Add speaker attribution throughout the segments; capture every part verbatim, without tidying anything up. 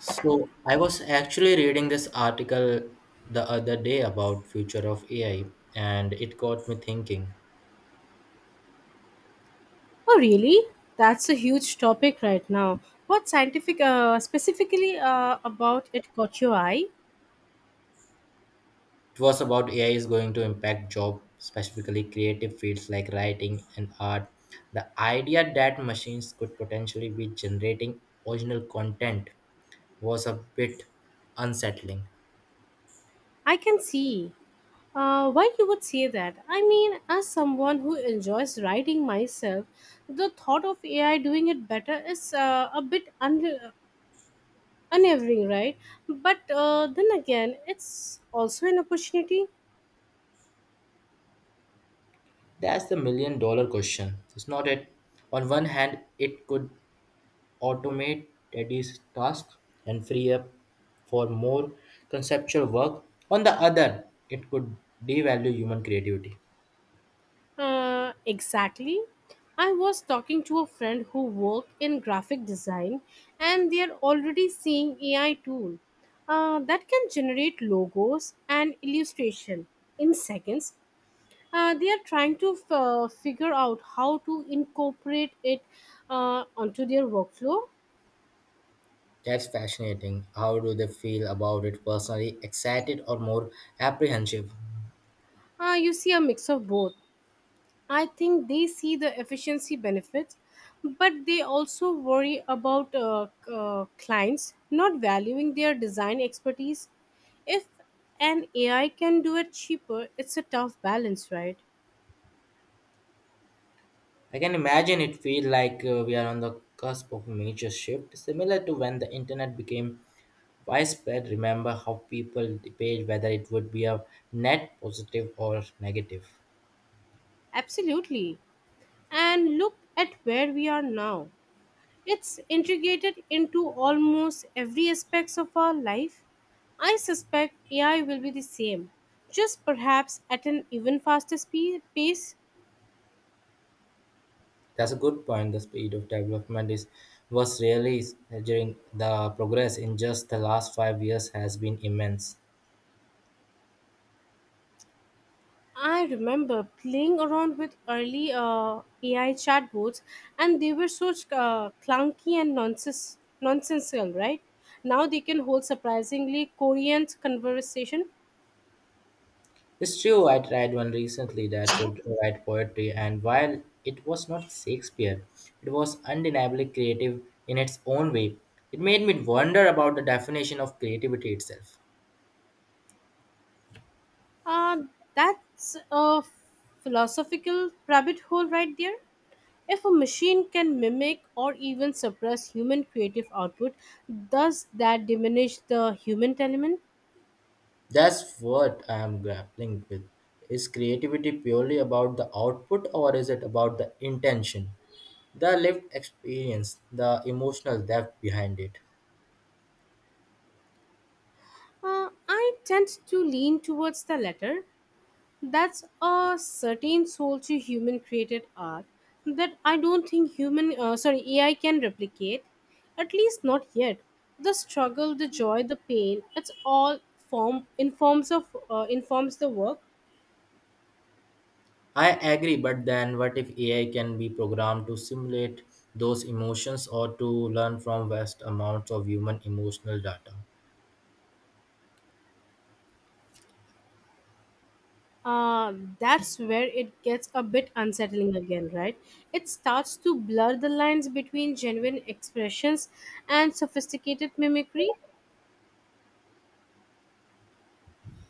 Speaker 1: So I was actually reading this article the other day about future of A I, and it got me thinking.
Speaker 2: Oh, really? That's a huge topic right now. What scientific, uh, specifically uh, about it caught your eye?
Speaker 1: It was about A I is going to impact job specifically creative fields like writing and art. The idea that machines could potentially be generating original content was a bit unsettling.
Speaker 2: I can see uh, why you would say that. I mean, as someone who enjoys writing myself, the thought of A I doing it better is uh, a bit un- unnerving, right? But uh, then again, it's also an opportunity.
Speaker 1: That's the million dollar question. It's not it. On one hand, it could automate tedious tasks and free up for more conceptual work. On the other, it could devalue human creativity.
Speaker 2: Uh, exactly. I was talking to a friend who works in graphic design, and they are already seeing A I tool uh, that can generate logos and illustration in seconds. Uh, they are trying to f- uh, figure out how to incorporate it uh, onto their workflow.
Speaker 1: That's fascinating. How do they feel about it personally? Excited or more apprehensive?
Speaker 2: Uh, you see a mix of both. I think they see the efficiency benefits, but they also worry about uh, c- uh, clients not valuing their design expertise. If an A I can do it cheaper, it's a tough balance, right?
Speaker 1: I can imagine it feel like uh, we are on the cusp of a major shift, similar to when the internet became widespread. Remember how people debate whether it would be a net positive or negative.
Speaker 2: Absolutely. And look at where we are now. It's integrated into almost every aspects of our life. I suspect A I will be the same, just perhaps at an even faster speed pace.
Speaker 1: That's a good point. The speed of development is was really during the progress in just the last five years has been immense.
Speaker 2: I remember playing around with early uh, A I chatbots, and they were so uh, clunky and nonsense, nonsensical, right? Now they can hold surprisingly coherent conversation.
Speaker 1: It's true. I tried one recently that could write poetry, and while it was not Shakespeare, it was undeniably creative in its own way. It made me wonder about the definition of creativity itself.
Speaker 2: Uh, that's a philosophical rabbit hole right there. If a machine can mimic or even suppress human creative output, does that diminish the human element?
Speaker 1: That's what I am grappling with. Is creativity purely about the output, or is it about the intention, the lived experience, the emotional depth behind it?
Speaker 2: Uh, I tend to lean towards the latter. That's a certain soul to human created art that I don't think human uh, sorry A I can replicate, at least not yet. The struggle, the joy, the pain, it's all form informs of uh, informs the work.
Speaker 1: I agree, but then what if A I can be programmed to simulate those emotions or to learn from vast amounts of human emotional data?
Speaker 2: uh, that's where it gets a bit unsettling again, right? It starts to blur the lines between genuine expressions and sophisticated mimicry.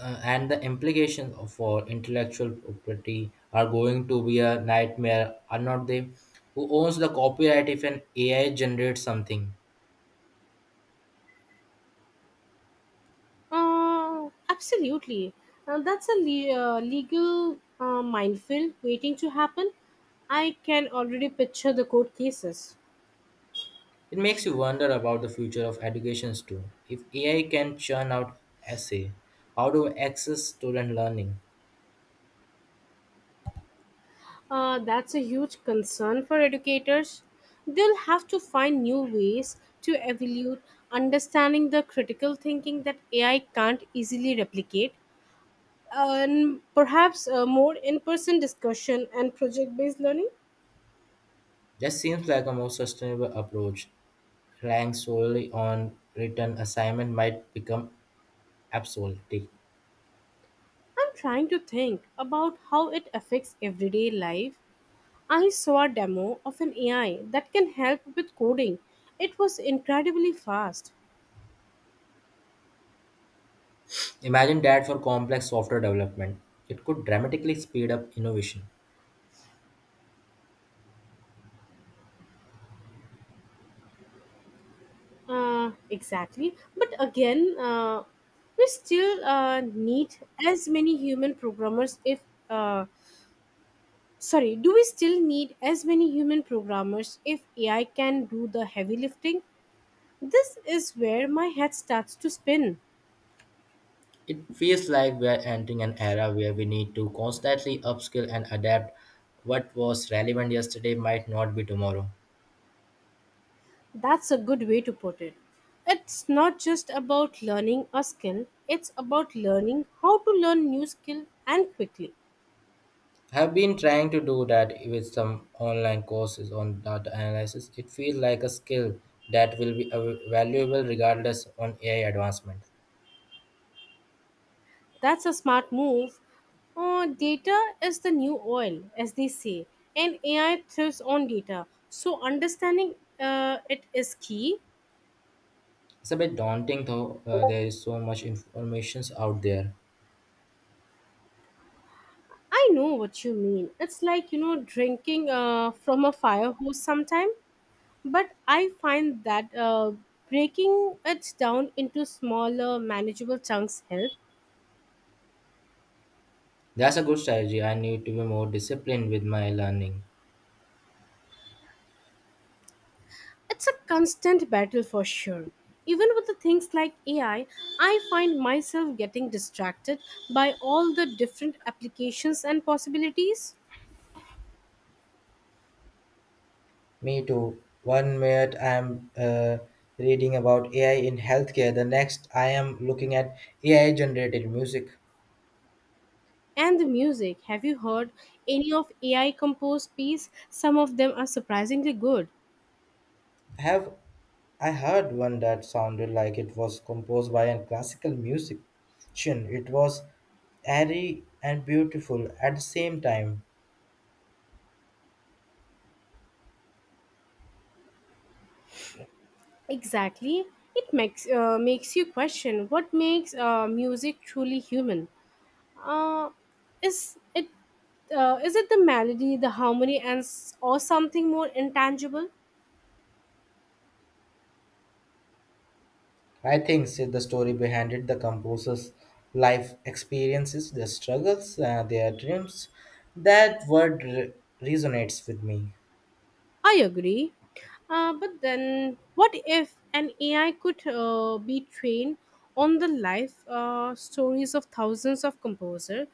Speaker 1: Uh, and the implications of- for intellectual property are going to be a nightmare, are not they? Who owns the copyright if an A I generates something?
Speaker 2: Uh, absolutely. Uh, that's a le- uh, legal uh, minefield waiting to happen. I can already picture the court cases.
Speaker 1: It makes you wonder about the future of educations too. If A I can churn out essay, how do we access student learning?
Speaker 2: Uh, that's a huge concern for educators. They'll have to find new ways to evaluate understanding the critical thinking that A I can't easily replicate, and perhaps uh, more in person discussion and project based learning.
Speaker 1: That seems like a more sustainable approach. Relying solely on written assignment might become obsolete.
Speaker 2: I'm trying to think about how it affects everyday life. I saw a demo of an A I that can help with coding. It was incredibly fast.
Speaker 1: Imagine that for complex software development. It could dramatically speed up innovation.
Speaker 2: Uh, exactly. But again, uh, we still uh, need as many human programmers if. Uh, Sorry, do we still need as many human programmers if A I can do the heavy lifting? This is where my head starts to spin.
Speaker 1: It feels like we are entering an era where we need to constantly upskill and adapt. What was relevant yesterday might not be tomorrow.
Speaker 2: That's a good way to put it. It's not just about learning a skill, it's about learning how to learn new skill, and quickly.
Speaker 1: I've been trying to do that with some online courses on data analysis. It feels like a skill that will be av- valuable regardless on A I advancement.
Speaker 2: That's a smart move. Uh, data is the new oil, as they say, and A I thrives on data. So understanding uh, it is key.
Speaker 1: It's a bit daunting though. Uh, there is so much information out there.
Speaker 2: I know what you mean. It's like you know drinking uh, from a fire hose sometime, but I find that uh, breaking it down into smaller, manageable chunks help.
Speaker 1: That's a good strategy. I need to be more disciplined with my learning.
Speaker 2: It's a constant battle for sure. Even with the things like A I, I I find myself getting distracted by all the different applications and possibilities.
Speaker 1: Me too. One minute I am uh, reading about A I in healthcare, the next I am looking at A I generated music.
Speaker 2: And the music. Have you heard any of A I composed piece? Some of them are surprisingly good.
Speaker 1: Have I heard one that sounded like it was composed by a classical musician. It was airy and beautiful at the same time.
Speaker 2: Exactly. It makes uh, makes you question what makes uh, music truly human. Uh, is it uh, is it the melody, the harmony, and s- or something more intangible?
Speaker 1: I think said the story behind it, the composer's life experiences, their struggles, uh, their dreams. That word re- resonates with me.
Speaker 2: I agree. Uh, but then, what if an A I could uh, be trained on the life uh, stories of thousands of composers?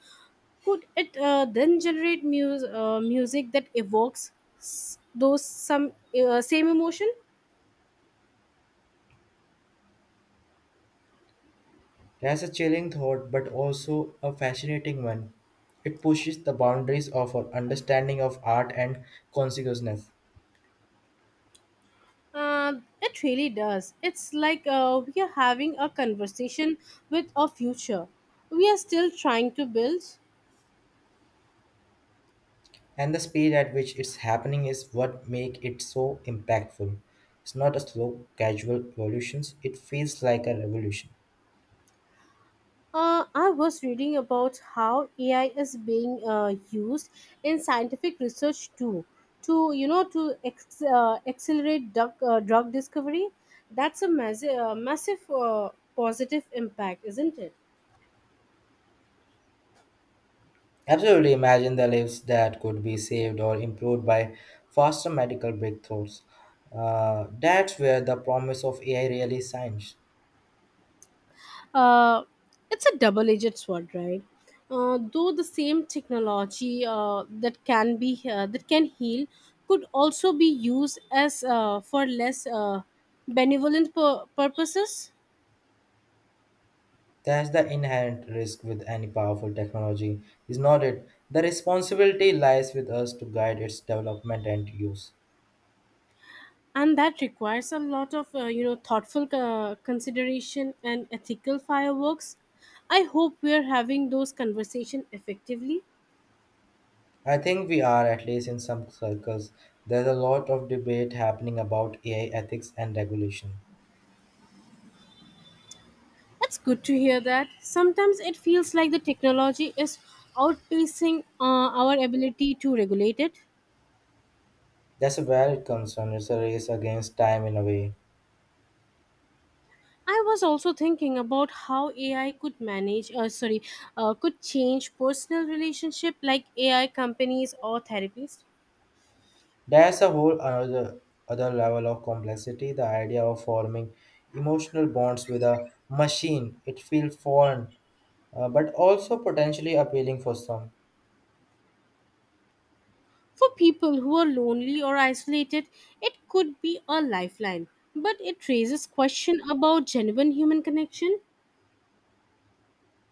Speaker 2: Could it uh, then generate mus- uh, music that evokes s- those some uh, same emotion?
Speaker 1: That's a chilling thought, but also a fascinating one. It pushes the boundaries of our understanding of art and consciousness.
Speaker 2: Uh, it really does. It's like uh, we are having a conversation with a future we are still trying to build.
Speaker 1: And the speed at which it's happening is what make it so impactful. It's not a slow, casual evolution. It feels like a revolution.
Speaker 2: Uh, I was reading about how A I is being uh, used in scientific research too, to you know to ex- uh, accelerate drug, uh, drug discovery. That's a massive, uh, massive uh, positive impact, isn't it?
Speaker 1: Absolutely, imagine the lives that could be saved or improved by faster medical breakthroughs. Uh, that's where the promise of ai really shines.
Speaker 2: Uh, it's a double-edged sword, right? Uh, though the same technology uh, that can be uh, that can heal could also be used as uh, for less uh, benevolent pur- purposes.
Speaker 1: That's the inherent risk with any powerful technology, is not it? The responsibility lies with us to guide its development and use.
Speaker 2: And that requires a lot of uh, you know thoughtful uh, consideration and ethical fireworks. I hope we're having those conversation effectively.
Speaker 1: I think we are, at least in some circles. There's a lot of debate happening about A I ethics and regulation.
Speaker 2: It's good to hear that. Sometimes it feels like the technology is outpacing uh, our ability to regulate it.
Speaker 1: That's where it comes from. It's a race against time in a way.
Speaker 2: I was also thinking about how AI could manage uh, sorry uh, could change personal relationship, like AI companies or therapists.
Speaker 1: There's a whole another other level of complexity. The idea of forming emotional bonds with a machine. It feels foreign, uh, but also potentially appealing for some.
Speaker 2: For people who are lonely or isolated, it could be a lifeline, but it raises question about genuine human connection.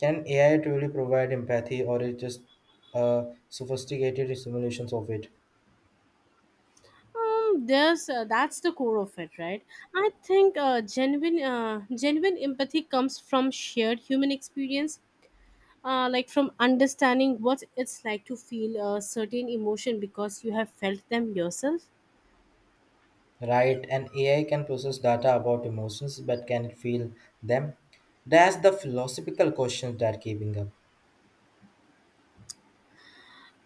Speaker 1: Can A I truly provide empathy, or is just uh, sophisticated simulations of it?
Speaker 2: Um, there's uh, That's the core of it, right? I think uh, genuine uh, genuine empathy comes from shared human experience, uh, like from understanding what it's like to feel a certain emotion because you have felt them yourself.
Speaker 1: Right, and A I can process data about emotions, but can it feel them? That's the philosophical question that giving up.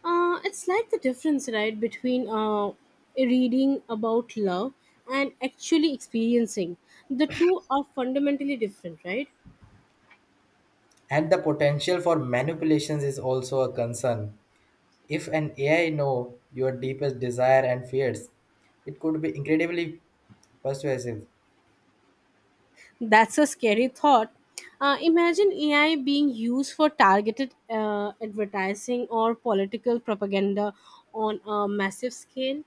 Speaker 2: Uh, it's like the difference, right, between uh, reading about love and actually experiencing. The two are fundamentally different, right?
Speaker 1: And the potential for manipulations is also a concern. If an A I know your deepest desire and fears, it could be incredibly persuasive.
Speaker 2: That's a scary thought. Uh, imagine A I being used for targeted uh, advertising or political propaganda on a massive scale.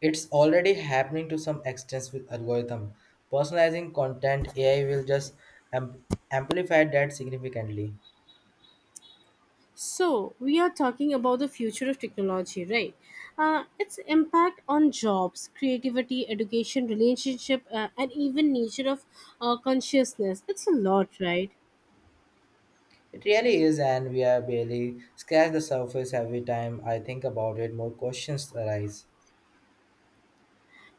Speaker 1: It's already happening to some extent with algorithm. Personalizing content A I will just am- amplify that significantly.
Speaker 2: So, we are talking about the future of technology, right? Uh, its impact on jobs, creativity, education, relationship, uh, and even nature of uh, consciousness. It's a lot, right?
Speaker 1: It really is, and we are barely scratched the surface. Every time I think about it, more questions arise.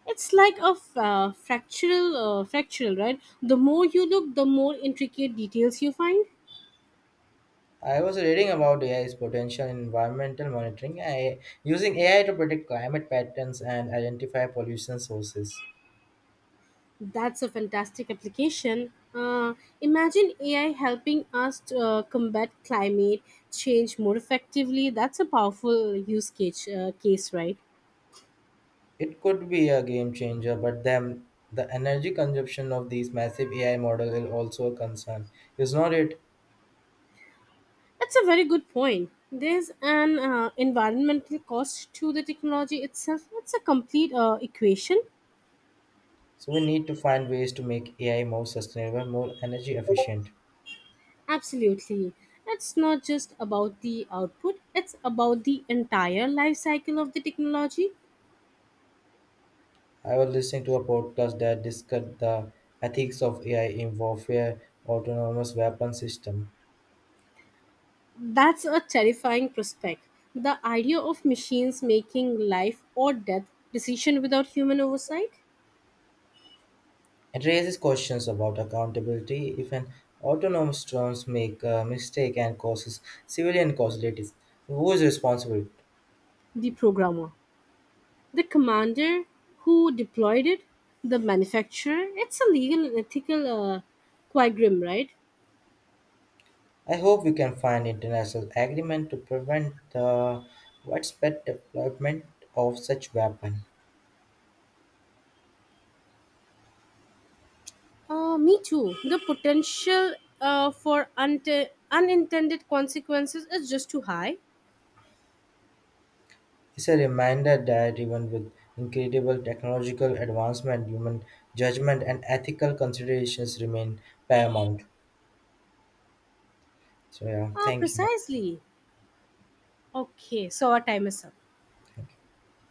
Speaker 2: It's like a f- uh, fractal, uh, fractal, right? The more you look, the more intricate details you find.
Speaker 1: I was reading about A I's potential in environmental monitoring, I using A I to predict climate patterns and identify pollution sources.
Speaker 2: That's a fantastic application. Uh, imagine A I helping us to, uh, combat climate change more effectively. That's a powerful use case, uh, case right?
Speaker 1: It could be a game changer, but then the energy consumption of these massive A I models is also a concern, is not it?
Speaker 2: That's a very good point. There's an uh, environmental cost to the technology itself. It's a complete uh, equation.
Speaker 1: So we need to find ways to make A I more sustainable, more energy efficient.
Speaker 2: Absolutely. It's not just about the output, it's about the entire life cycle of the technology.
Speaker 1: I was listening to a podcast that discussed the ethics of A I in warfare autonomous weapon system.
Speaker 2: That's a terrifying prospect. The idea of machines making life or death decision without human oversight,
Speaker 1: It raises questions about accountability if an autonomous drone make a mistake and causes civilian casualties. Who is responsible?
Speaker 2: the programmer, the commander who deployed it, the manufacturer. It's a legal and ethical uh, quagmire, right?
Speaker 1: I hope we can find international agreement to prevent the widespread deployment of such weapon.
Speaker 2: Uh, me too. The potential uh, for unte- unintended consequences is just too high.
Speaker 1: It's a reminder that even with incredible technological advancement, human judgment and ethical considerations remain paramount. So yeah,
Speaker 2: Uh,
Speaker 1: thank you.
Speaker 2: precisely. Okay, so our time is up.
Speaker 1: Thank you.